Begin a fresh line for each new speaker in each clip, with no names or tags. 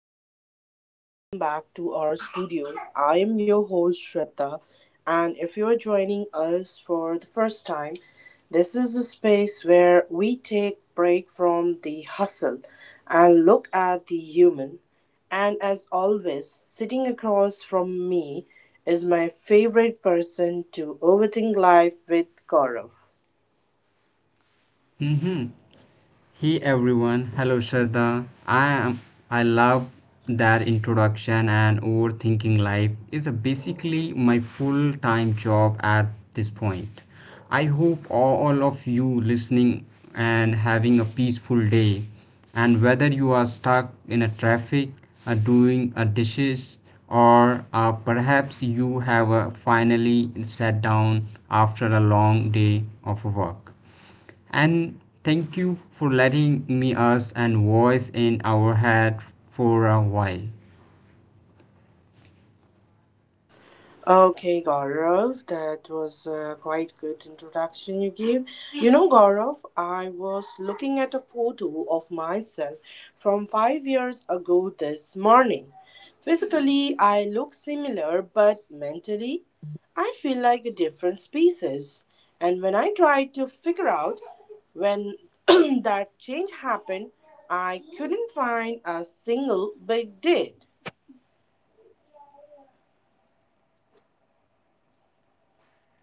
A huge warm welcome back to our studio. I am your host, Shraddha, and if you are joining us for the first time, this is a space where we take break from the hustle and look at the human. And as always, sitting across from me is my favorite person to overthink life with, Gaurav.
Mm-hmm. Hey everyone, hello Shraddha. I am. I love that introduction, and overthinking life is a basically my full-time job at this point. I hope all of you listening and having a peaceful day, and whether you are stuck in a traffic, are doing a dishes, or perhaps you have finally sat down after a long day of work and thank you for letting me us and voice in our head for a while.
Okay, Gaurav, that was a quite good introduction you gave. Gaurav, I was looking at a photo of myself from 5 years ago this morning. Physically, I look similar, but mentally, I feel like a different species. And when I tried to figure out when that change happened, I couldn't find a single big date.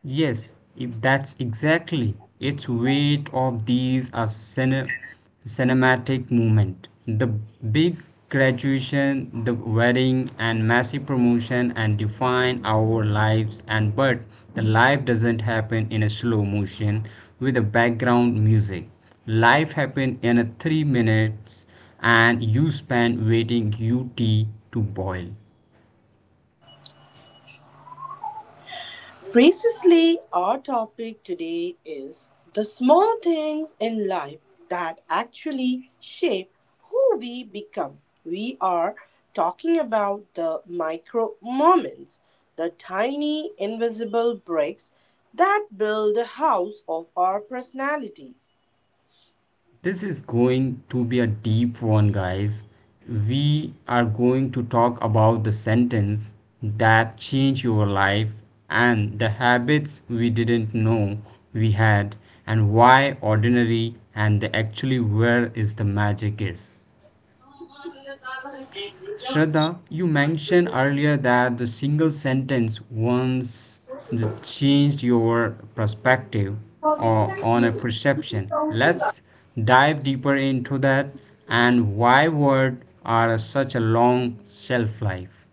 Yes, if that's exactly its weight of these are cinematic movement. The big graduation, the wedding and massive promotion and define our lives and but the life doesn't happen in a slow motion with a background music. Life happen in a 3 minutes and you spend waiting your tea to boil.
Precisely, our topic today is the small things in life that actually shape who we become. We are talking about the micro moments, the tiny invisible bricks that build the house of our personality.
This is going to be a deep one, guys. We are going to talk about the sentence that changed your life and the habits we didn't know we had and why ordinary and the actually where is the magic is. Shraddha, you mentioned earlier that the single sentence once that changed your perspective or on a perception. Let's dive deeper into that and why words are such a long shelf life.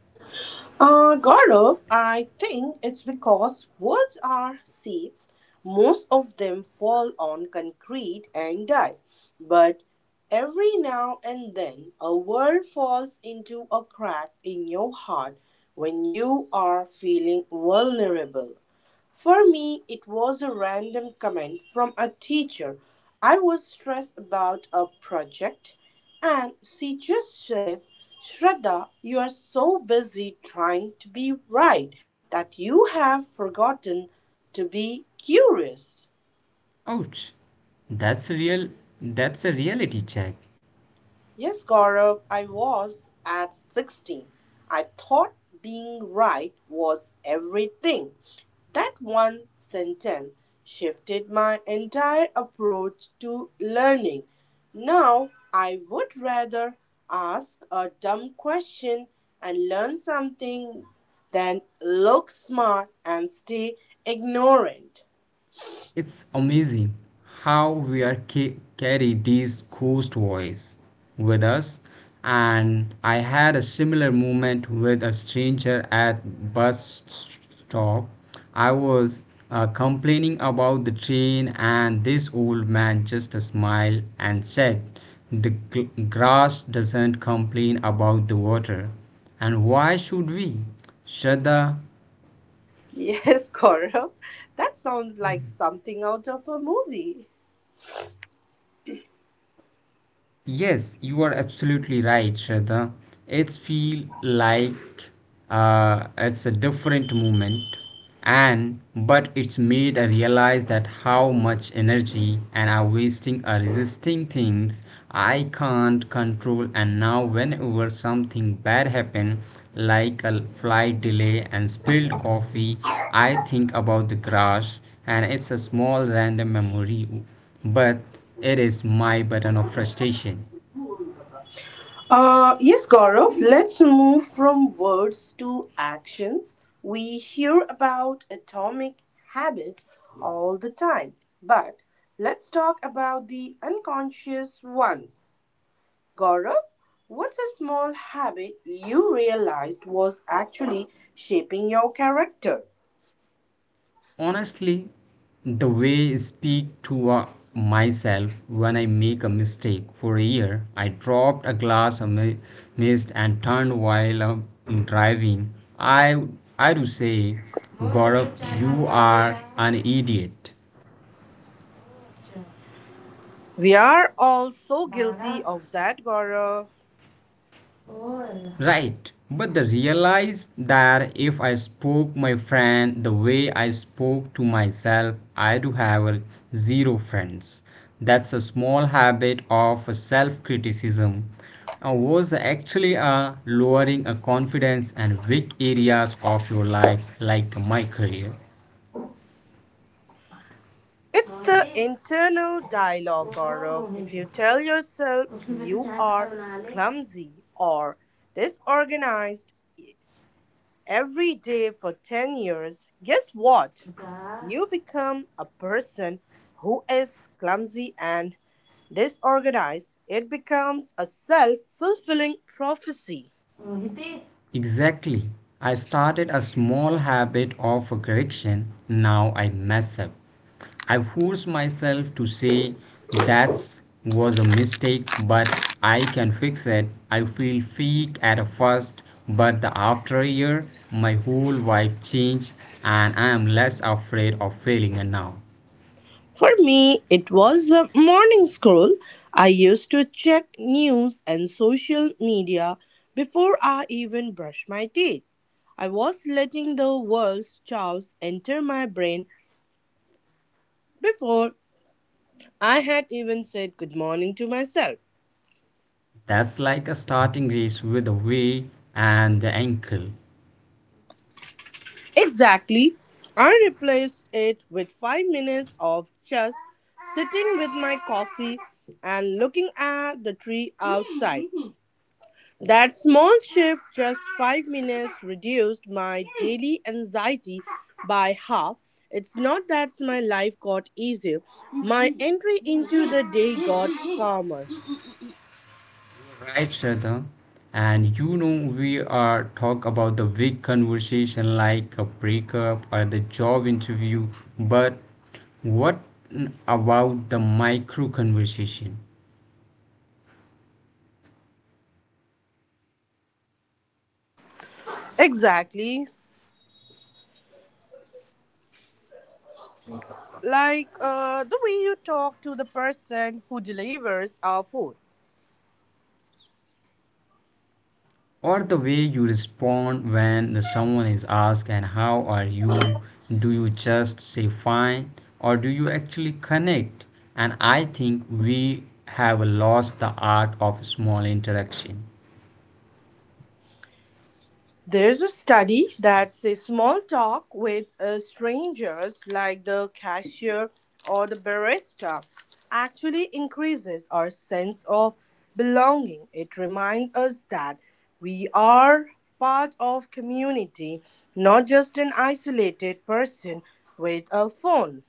Gaurav, I think it's because words are seeds. Most of them fall on concrete and die. But every now and then, a word falls into a crack in your heart when you are feeling vulnerable. For me, it was a random comment from a teacher. I was stressed about a project, and she just said, Shraddha, you are so busy trying to be right that you have forgotten to be curious.
Ouch. That's real, that's a reality check.
Yes, Gaurav, I was at 16. I thought being right was everything. That one sentence shifted my entire approach to learning. Now, I would rather ask a dumb question and learn something than look smart and stay ignorant.
It's amazing how we are carry these ghost voice with us. And I had a similar moment with a stranger at bus stop. I was complaining about the train, and this old man just smiled and said, "The grass doesn't complain about the water, and why should we, Shraddha?"
Yes, Gaurav, that sounds like something out of a movie.
Yes, you are absolutely right, Shraddha. It's feel like it's a different movement, and but it's made I realize that how much energy and are wasting are resisting things I can't control. And now, whenever something bad happen, like a flight delay and spilled coffee, I think about the crash, and it's a small random memory but it is my button of frustration.
Yes, Gaurav, let's move from words to actions. We hear about atomic habits all the time, but let's talk about the unconscious ones. Gaurav, what's a small habit you realized was actually shaping your character?
Honestly, the way I speak to myself when I make a mistake. For a year, I dropped a glass of mist and turned while I driving. I I do say, Gaurav, you are an idiot.
We are all so guilty of that, Gaurav.
Right, but the realize that if I spoke my friend the way I spoke to myself I do have zero friends. That's a small habit of self-criticism was actually lowering a confidence and weak areas of your life like my career.
It's the internal dialogue, Gaurav. If you tell yourself you are clumsy or disorganized e, every day for 10 years, guess what? You become a person who is clumsy and disorganized. It becomes a self fulfilling prophecy.
Exactly. I started a small habit of correction. Now I mess up. I force myself to say that was a mistake, but I can fix it. I feel fake at first, but the after a year, my whole vibe changed, and I am less afraid of failing now.
For me, it was a morning scroll. I used to check news and social media before I even brushed my teeth. I was letting the world's chaos enter my brain before I had even said good morning to myself.
That's like a starting race with a way and the ankle.
Exactly. I replaced it with 5 minutes of just sitting with my coffee and looking at the tree outside. That small shift, just 5 minutes, reduced my daily anxiety by half. It's not that my life got easier, my entry into the day got calmer.
Right, Shraddha. And you know, we are talk about the big conversation like a breakup or the job interview, but what about the micro conversation
Exactly. Like the way you talk to the person who delivers our food.
or the way you respond when the someone is asked and how are you? Do you just say fine or do you actually connect? And I think we have lost the art of small interaction.
There's a study that says small talk with strangers, like the cashier or the barista, actually increases our sense of belonging. It reminds us that we are part of community, not just an isolated person with a phone.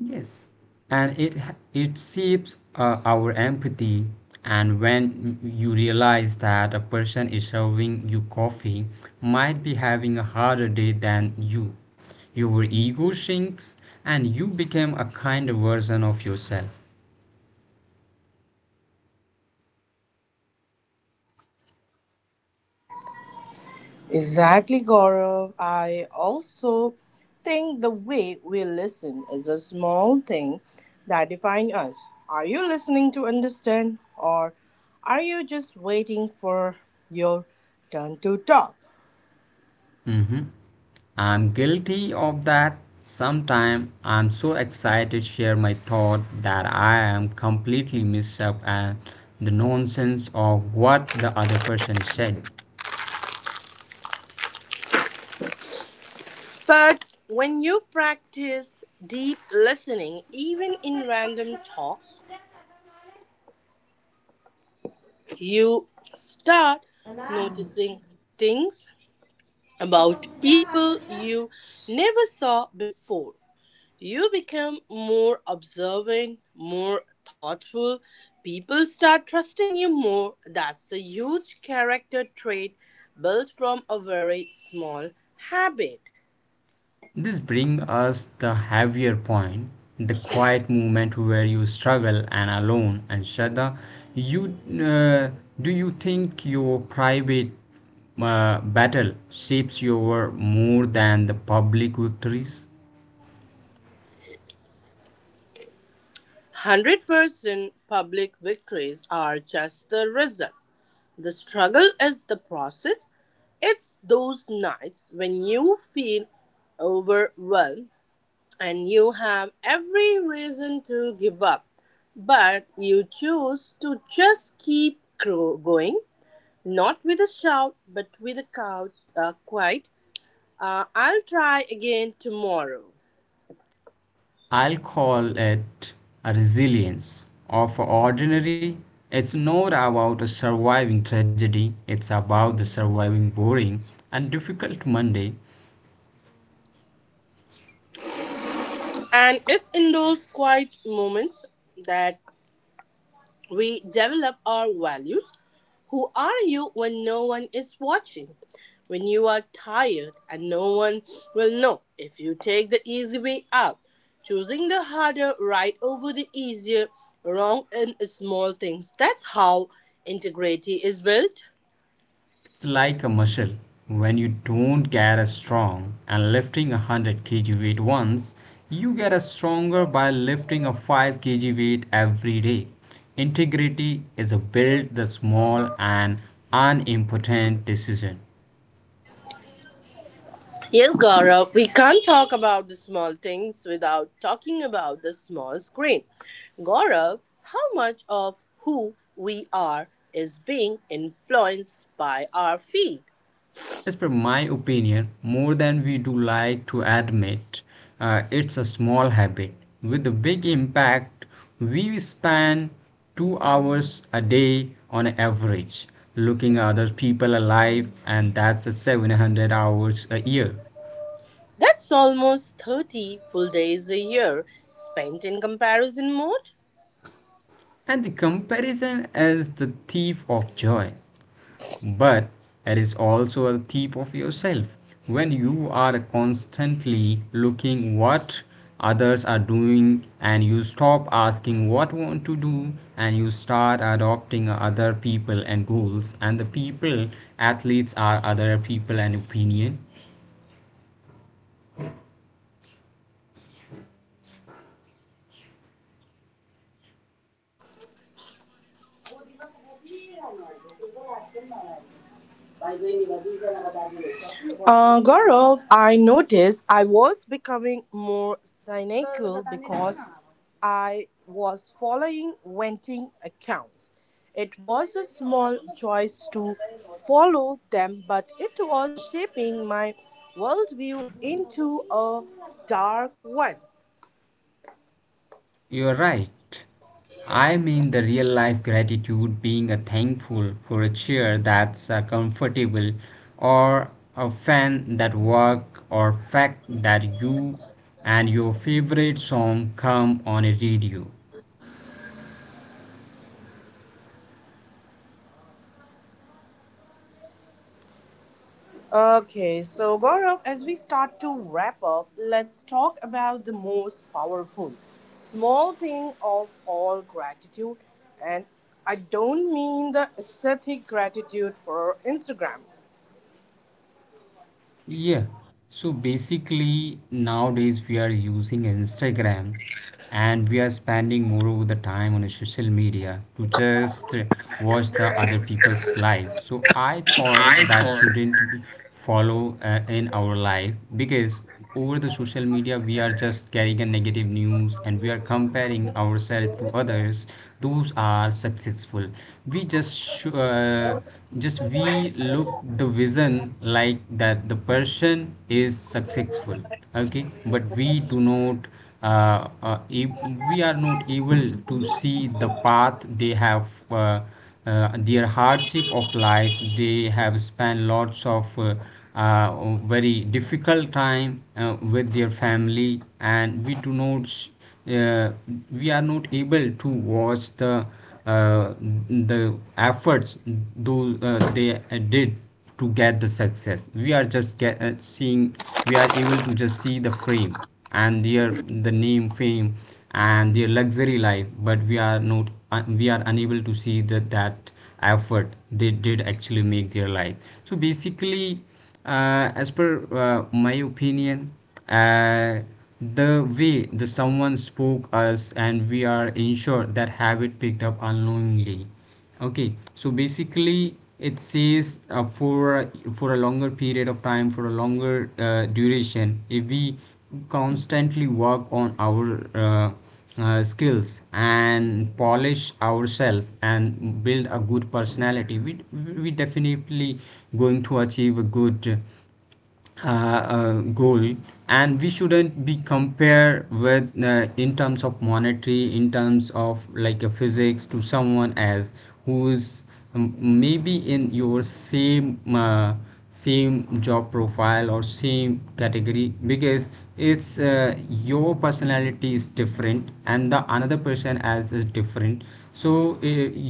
Yes, and it shapes our empathy. And when you realize that a person is serving you coffee might be having a harder day than you, your ego shrinks and you become a kinder version of yourself.
Exactly, Gaurav. I also think the way we listen is a small thing that defines us. Are you listening to understand, or are you just waiting for your turn to talk?
Mm-hmm. I'm guilty of that. Sometime I'm so excited to share my thought that I am completely mixed up at the nonsense of what the other person is saying.
But when you practice deep listening, even in random talks, you start noticing things about people you never saw before. You become more observant, more thoughtful. People start trusting you more. That's a huge character trait built from a very small habit.
This brings us the heavier point, the quiet moment where you struggle and alone. And Shraddha, you uh, do you think your private battle shapes your work more than the public victories?
100% public victories are just the result. The struggle is the process. It's those nights when you feel overwhelmed and you have every reason to give up. But you choose to just keep going, not with a shout, but with a quiet, I'll try again tomorrow.
I'll call it a resilience of ordinary. It's not about a surviving tragedy, it's about the surviving boring and difficult Monday.
And it's in those quiet moments that we develop our values. Who are you when no one is watching? When you are tired and no one will know if you take the easy way out. Choosing the harder right over the easier, wrong in small things. That's how integrity is built.
It's like a muscle. When you don't get as strong and lifting a 100 kg weight once, you get as stronger by lifting a 5 kg weight every day. Integrity is a build the small and unimportant decision.
Yes, Gaurav, we can't talk about the small things without talking about the small screen. Gaurav, how much of who we are is being influenced by our feed?
As per my opinion, more than we do like to admit, it's a small habit with a big impact. We spend 2 hours a day on average looking at other people alive, and that's a 700 hours a year.
That's almost 30 full days a year spent in comparison mode.
And the comparison is the thief of joy, but it is also a thief of yourself when you are constantly looking what others are doing and you stop asking what you want to do and you start adopting other people and goals and the people athletes are other people and opinion.
Gaurav, I noticed I was becoming more cynical because I was following venting accounts. It was a small choice to follow them, but it was shaping my worldview into a dark one.
You're right. I mean the real life gratitude being a thankful for a chair that's comfortable or a fan that work or fact that you and your favorite song come on a radio.
Okay, so Gaurav, as we start to wrap up, let's talk about the most powerful small thing of all gratitude. And I don't mean the aesthetic gratitude for Instagram.
Yeah. So basically, nowadays we are using Instagram and we are spending more of the time on a social media to just watch the other people's life. So I thought
I
that
thought.
shouldn't follow in our life because over the social media we are just carrying a negative news and we are comparing ourselves to others those are successful we just just we look the vision like that the person is successful, okay, but we do not uh, uh, e- we are not able to see the path they have their hardship of life they have spent lots of very difficult time with their family and we do not uh, we are not able to watch uh, the efforts do they did to get the success we are just seeing we are able to just see the frame and their the name fame and their luxury life but we are not we are unable to see that that effort they did actually make their life. So basically, as per my opinion, uh, the way the someone spoke us and we are ensured that habit picked up unknowingly. Okay, so basically it says for a longer period of time for a longer duration if we constantly work on our uh, skills and polish ourselves and build a good personality we definitely going to achieve a good goal and we shouldn't be compared with in terms of monetary in terms of like a physics to someone as who is um, maybe in your same same job profile or same category because it's your personality is different and the another person as is different. So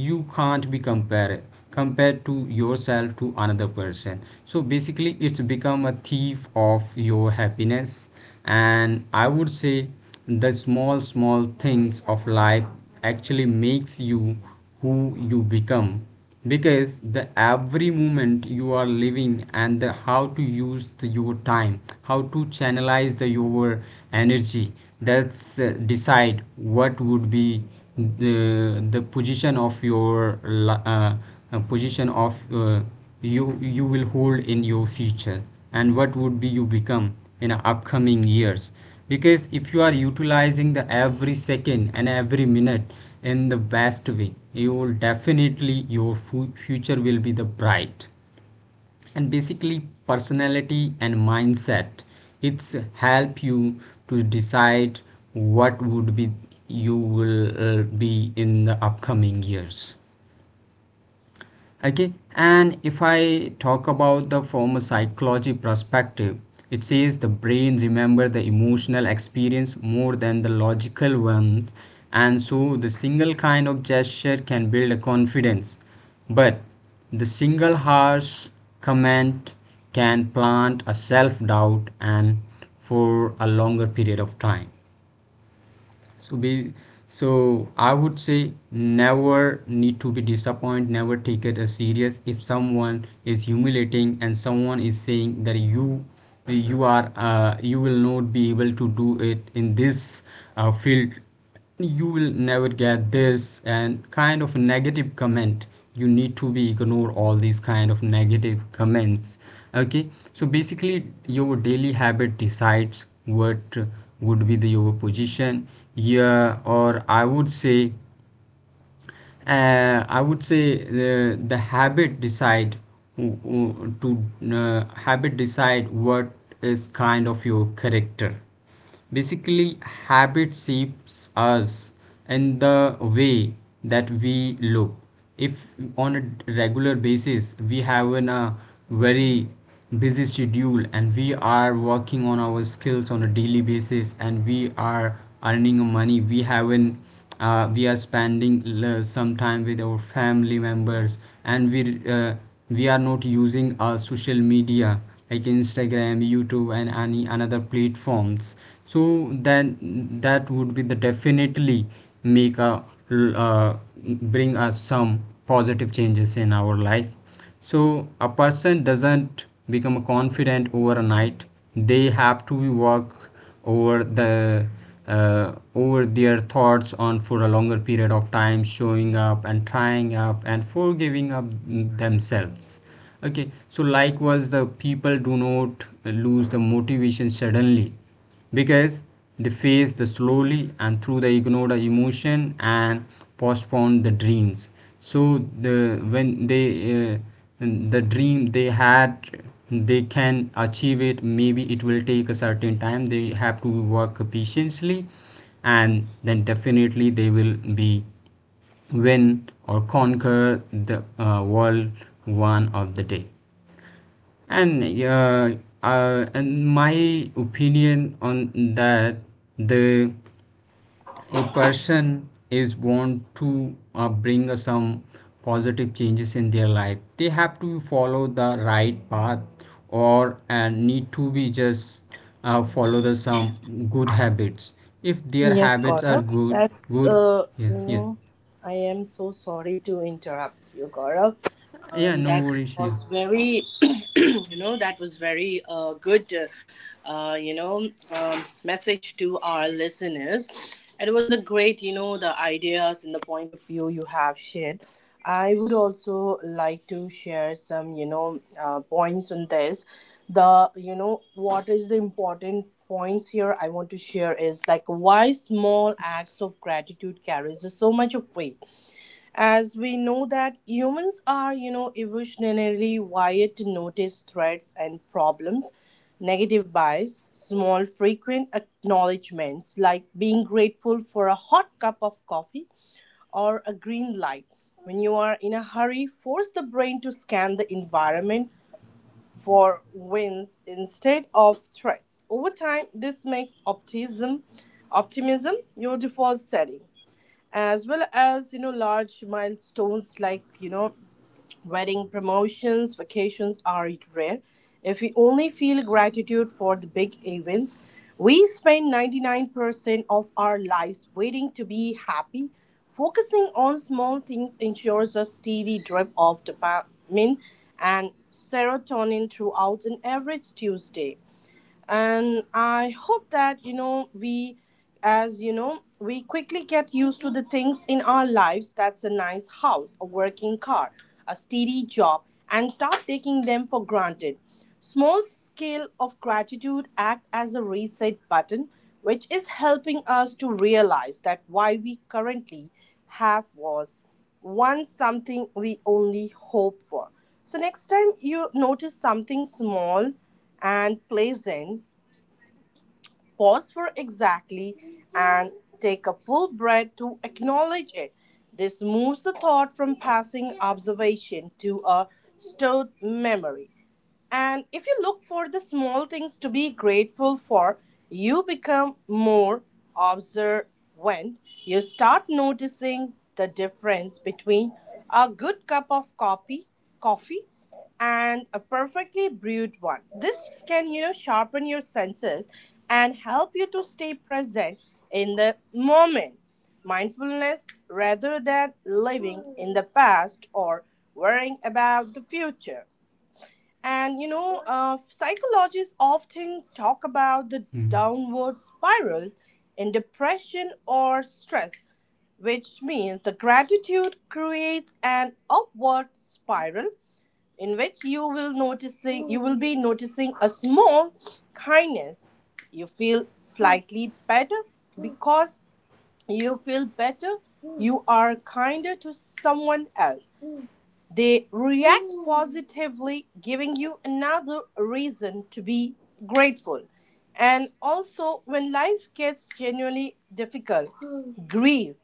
you can't be compared to yourself to another person so basically it's become a thief of your happiness. And I would say the small small things of life actually makes you who you become because the every moment you are living and the how to use your time how to channelize the your energy that's decide what would be the position of your position of you will hold in your future and what would be you become in upcoming years because if you are utilizing the every second and every minute in the best way you will definitely your future will be the bright. And basically personality and mindset it's help you to decide what would be you will be in the upcoming years. Okay, and if I talk about the from a psychology perspective it says the brain remember the emotional experience more than the logical ones. And so the single kind of gesture can build a confidence, but the single harsh comment can plant a self doubt and for a longer period of time. So be so I would say never need to be disappointed, never take it as serious if someone is humiliating and someone is saying that you are you will not be able to do it in this field, you will never get this and kind of negative comment. You need to be ignore all these kind of negative comments. Okay, so basically your daily habit decides what would be the your position. Yeah, or I would say I would say the habit decide w- w- to habit decide what is kind of your character. Basically, habit shapes us in the way that we look. If on a regular basis we have a very busy schedule and we are working on our skills on a daily basis and we are earning money we haven't we are spending some time with our family members and uh, we are not using our social media like instagram youtube and any another platforms, so then that would be the definitely make l- uh, bring us some positive changes in our life. So a person doesn't become confident overnight. They have to work over the over their thoughts on for a longer period of time, showing up and trying up and forgiving up themselves. Okay, so likewise, the people do not lose the motivation suddenly because they face the slowly and through the ignored emotion and postpone the dreams. So the when they uh, the dream they had, they can achieve it. Maybe it will take a certain time. They have to work patiently, and then definitely they will be win or conquer the world one of the day. And yeah, in my opinion on that, the a person is want to bring some positive changes in their life. They have to follow the right path, or need to be just follow the some good habits. If their
Yes,
habits are
Gaurav,
good,
that's,
good. Yes, yeah,
I am so sorry to interrupt you, Gaurav.
yeah. No
That
worries. Yeah.
was very, that was very good. Message to our listeners. It was a great, the ideas and the point of view you have shared. I would also like to share some, points on this. The what is the important points here I want to share is like why small acts of gratitude carries so much of weight, as we know that humans are evolutionarily wired to notice threats and problems, negative bias. Small frequent acknowledgments like being grateful for a hot cup of coffee or a green light when you are in a hurry force the brain to scan the environment for wins instead of threats. Over time this makes optimism your default setting. As well, as large milestones like wedding, promotions, vacations are rare. If we only feel gratitude for the big events, we spend 99% of our lives waiting to be happy. Focusing on small things ensures a steady drip of dopamine and serotonin throughout an average Tuesday. And I hope that we, as we quickly get used to the things in our lives, that's a nice house, a working car, a steady job, and start taking them for granted. Small scale of gratitude act as a reset button, which is helping us to realize that why we currently have was once something we only hope for. So next time you notice something small and pleasant, pause for exactly and take a full breath to acknowledge it. This moves the thought from passing observation to a stored memory. And if you look for the small things to be grateful for, you become more observant. You start noticing the difference between a good cup of coffee and a perfectly brewed one. This can, sharpen your senses and help you to stay present in the moment. Mindfulness rather than living in the past or worrying about the future. And psychologists often talk about the
Mm.
downward spirals in depression or stress, which means the gratitude creates an upward spiral in which you will be noticing a small kindness. You feel slightly better because you feel better. You are kinder to someone else, they react positively, giving you another reason to be grateful. And also, when life gets genuinely difficult, grief,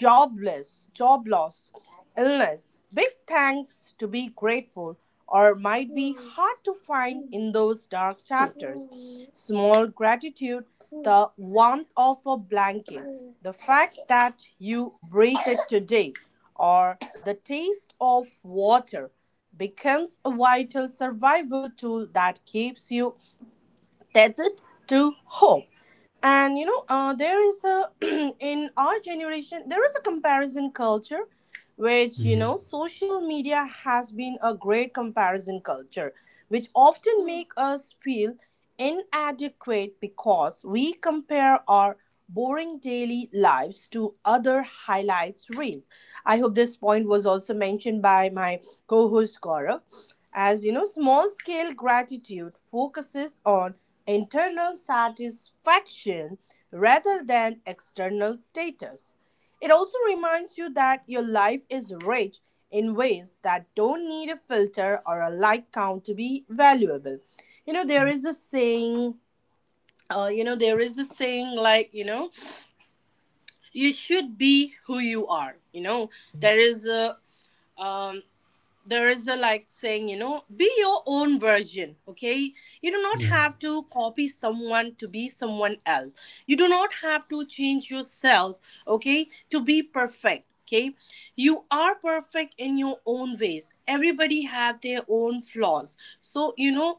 jobless, job loss, illness. Big thanks to be grateful or might be hard to find in those dark chapters. Small gratitude, the warmth of a blanket, the fact that you breathed today, or the taste of water becomes a vital survival tool that keeps you tethered to hope. And there is a in our generation there is a comparison culture, which
Yes.
social media has been a great comparison culture, which often Hmm. make us feel inadequate because we compare our boring daily lives to other highlights reels. I hope this point was also mentioned by my co-host Gaurav. As you know, small scale gratitude focuses on internal satisfaction rather than external status. It also reminds you that your life is rich in ways that don't need a filter or a like count to be valuable. You know, there is a saying, you know, there is a saying like, you should be who you are. You know, um, there is a like saying, be your own version. Okay, you do not
Yeah.
have to copy someone to be someone else. You do not have to change yourself, okay, to be perfect. Okay, you are perfect in your own ways. Everybody have their own flaws, so you know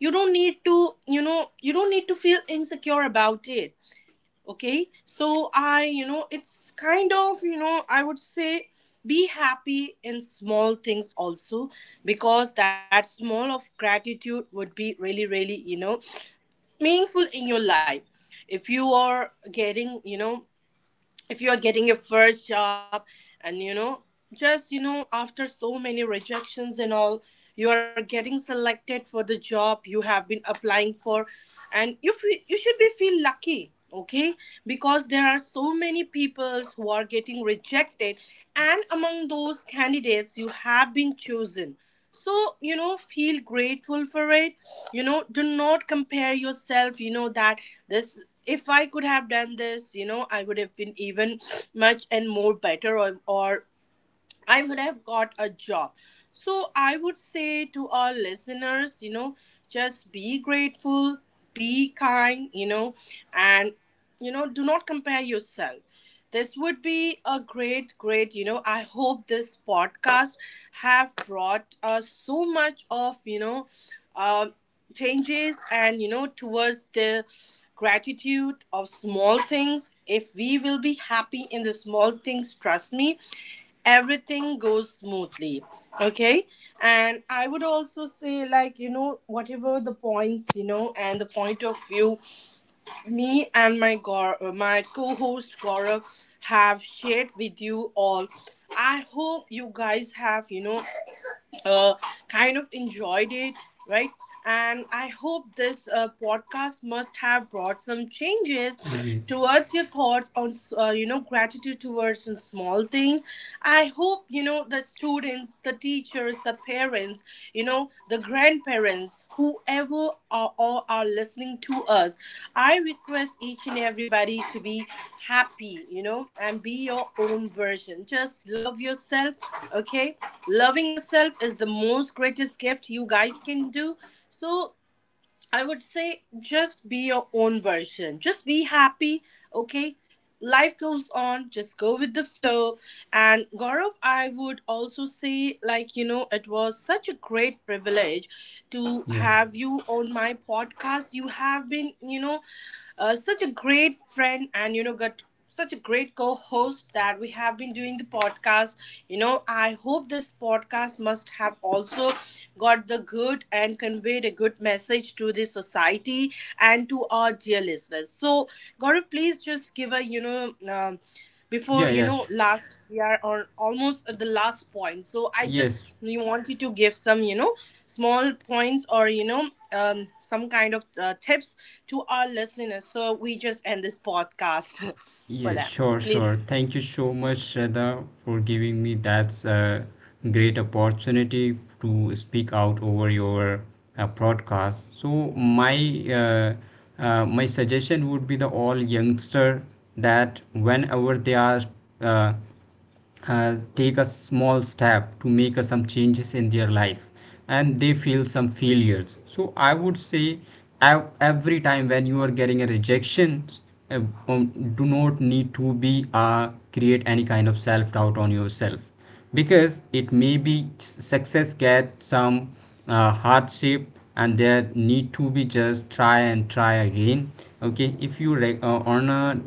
you don't need to you know you don't need to feel insecure about it. Okay, so I, you know it's kind of you know I would say, be happy in small things also, because that small of gratitude would be really really, meaningful in your life. If you are getting you know If you are getting your first job, and you know just you know after so many rejections and all, you are getting selected for the job you have been applying for, and you feel, you should be feel lucky. Okay, because there are so many people who are getting rejected, and among those candidates you have been chosen. So feel grateful for it. Do not compare yourself. That this, if I could have done this, I would have been even much and more better, or I would have got a job. So I would say to our listeners, just be grateful, be kind, and, do not compare yourself. This would be a great. I hope this podcast have brought us so much of, um changes and, towards the gratitude of small things. If we will be happy in the small things, trust me, everything goes smoothly. Okay, and I would also say like whatever the points and the point of view me and my my co-host Gaurav have shared with you all, I hope you guys have, uh, kind of enjoyed it, right? And I hope this podcast must have brought some changes
Yes.
towards your thoughts on, gratitude towards some small things. I hope, the students, the teachers, the parents, the grandparents, whoever are all are listening to us, I request each and everybody to be happy, and be your own version. Just love yourself, okay? Loving yourself is the most greatest gift you guys can do. So I would say just be your own version, just be happy. Okay, life goes on, just go with the flow. And Gaurav, I would also say like it was such a great privilege to
Yeah.
have you on my podcast. You have been such a great friend, and got such a great co-host that we have been doing the podcast. I hope this podcast must have also got the good and conveyed a good message to the society and to our dear listeners. So Gaurav, please just give a, you know um,
Yeah.
before you
Yes.
know last, we are on almost at the last point, so I just
Yes.
we wanted to give some, small points, or some kind of tips to our listeners, so we just end this podcast for
Yes,
them.
sure, sure.
Please,
Thank you so much, Shraddha, for giving me that great opportunity to speak out over your broadcast. So my uh, my suggestion would be the all youngster that whenever they are uh, take a small step to make some changes in their life and they feel some failures. So I would say every time when you are getting a rejection, uh, um, do not need to be create any kind of self doubt on yourself, because it may be success get some hardship, and there need to be just try and try again. Okay, if you on a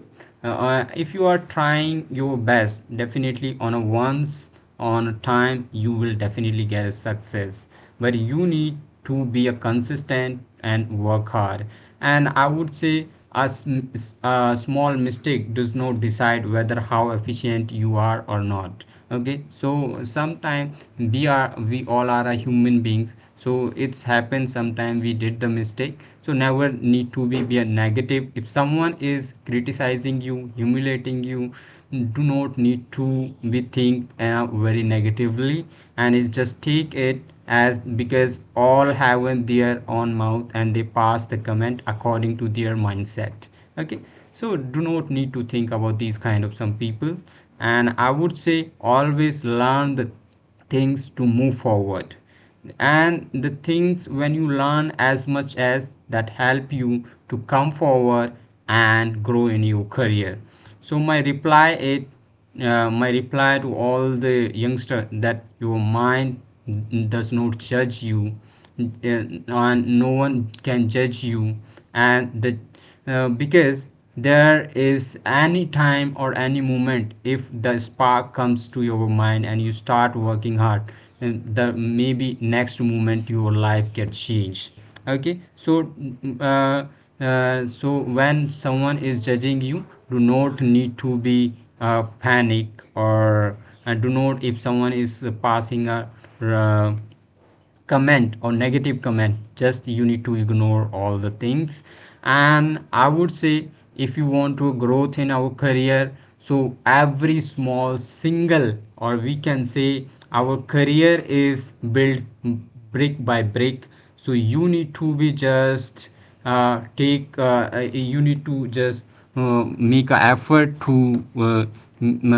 if you are trying your best, definitely on a once on a time you will definitely get a success. But you need to be a consistent and work hard. And I would say a, a small mistake does not decide whether how efficient you are or not. Okay, so sometime we all are a human beings, so it's happened sometime we did the mistake. So never need to be a negative. If someone is criticizing you, humiliating you, do not need to be think very negatively, and is just take it as, because all have their own mouth and they pass the comment according to their mindset. Okay, so do not need to think about these kind of some people. And I would say, always learn the things to move forward, and the things when you learn as much as that help you to come forward and grow in your career. So my reply is, my reply to all the youngster, that your mind does not judge you, and no one can judge you. And the because there is any time or any moment, if the spark comes to your mind and you start working hard, and the maybe next moment your life gets changed. Okay, so so when someone is judging you, do not need to be panic, or do not, if someone is passing a uh, comment or negative comment, just you need to ignore all the things. And I would say, if you want to growth in our career, so every small single, or we can say our career is built brick by brick. So you need to be just take you need to just make an effort to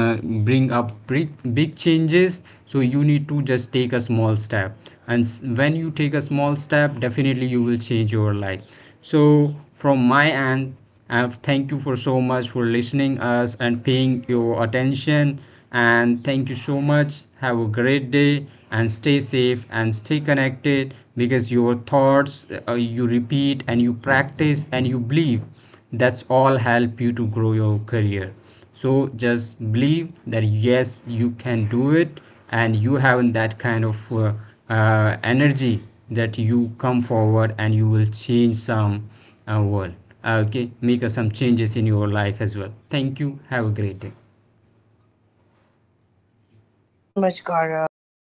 uh, bring up big changes. So you need to just take a small step, and when you take a small step, definitely you will change your life. So from my end, and thank you for so much for listening us and paying your attention, and thank you so much, have a great day. And stay safe and stay connected, because your thoughts, you repeat and you practice and you believe, that's all help you to grow your career. So just believe that yes, you can do it, and you have that kind of energy, that you come forward and you will change some world. Okay, make some changes in your life as well. Thank you, have a great day.
thank you so much Gaurav.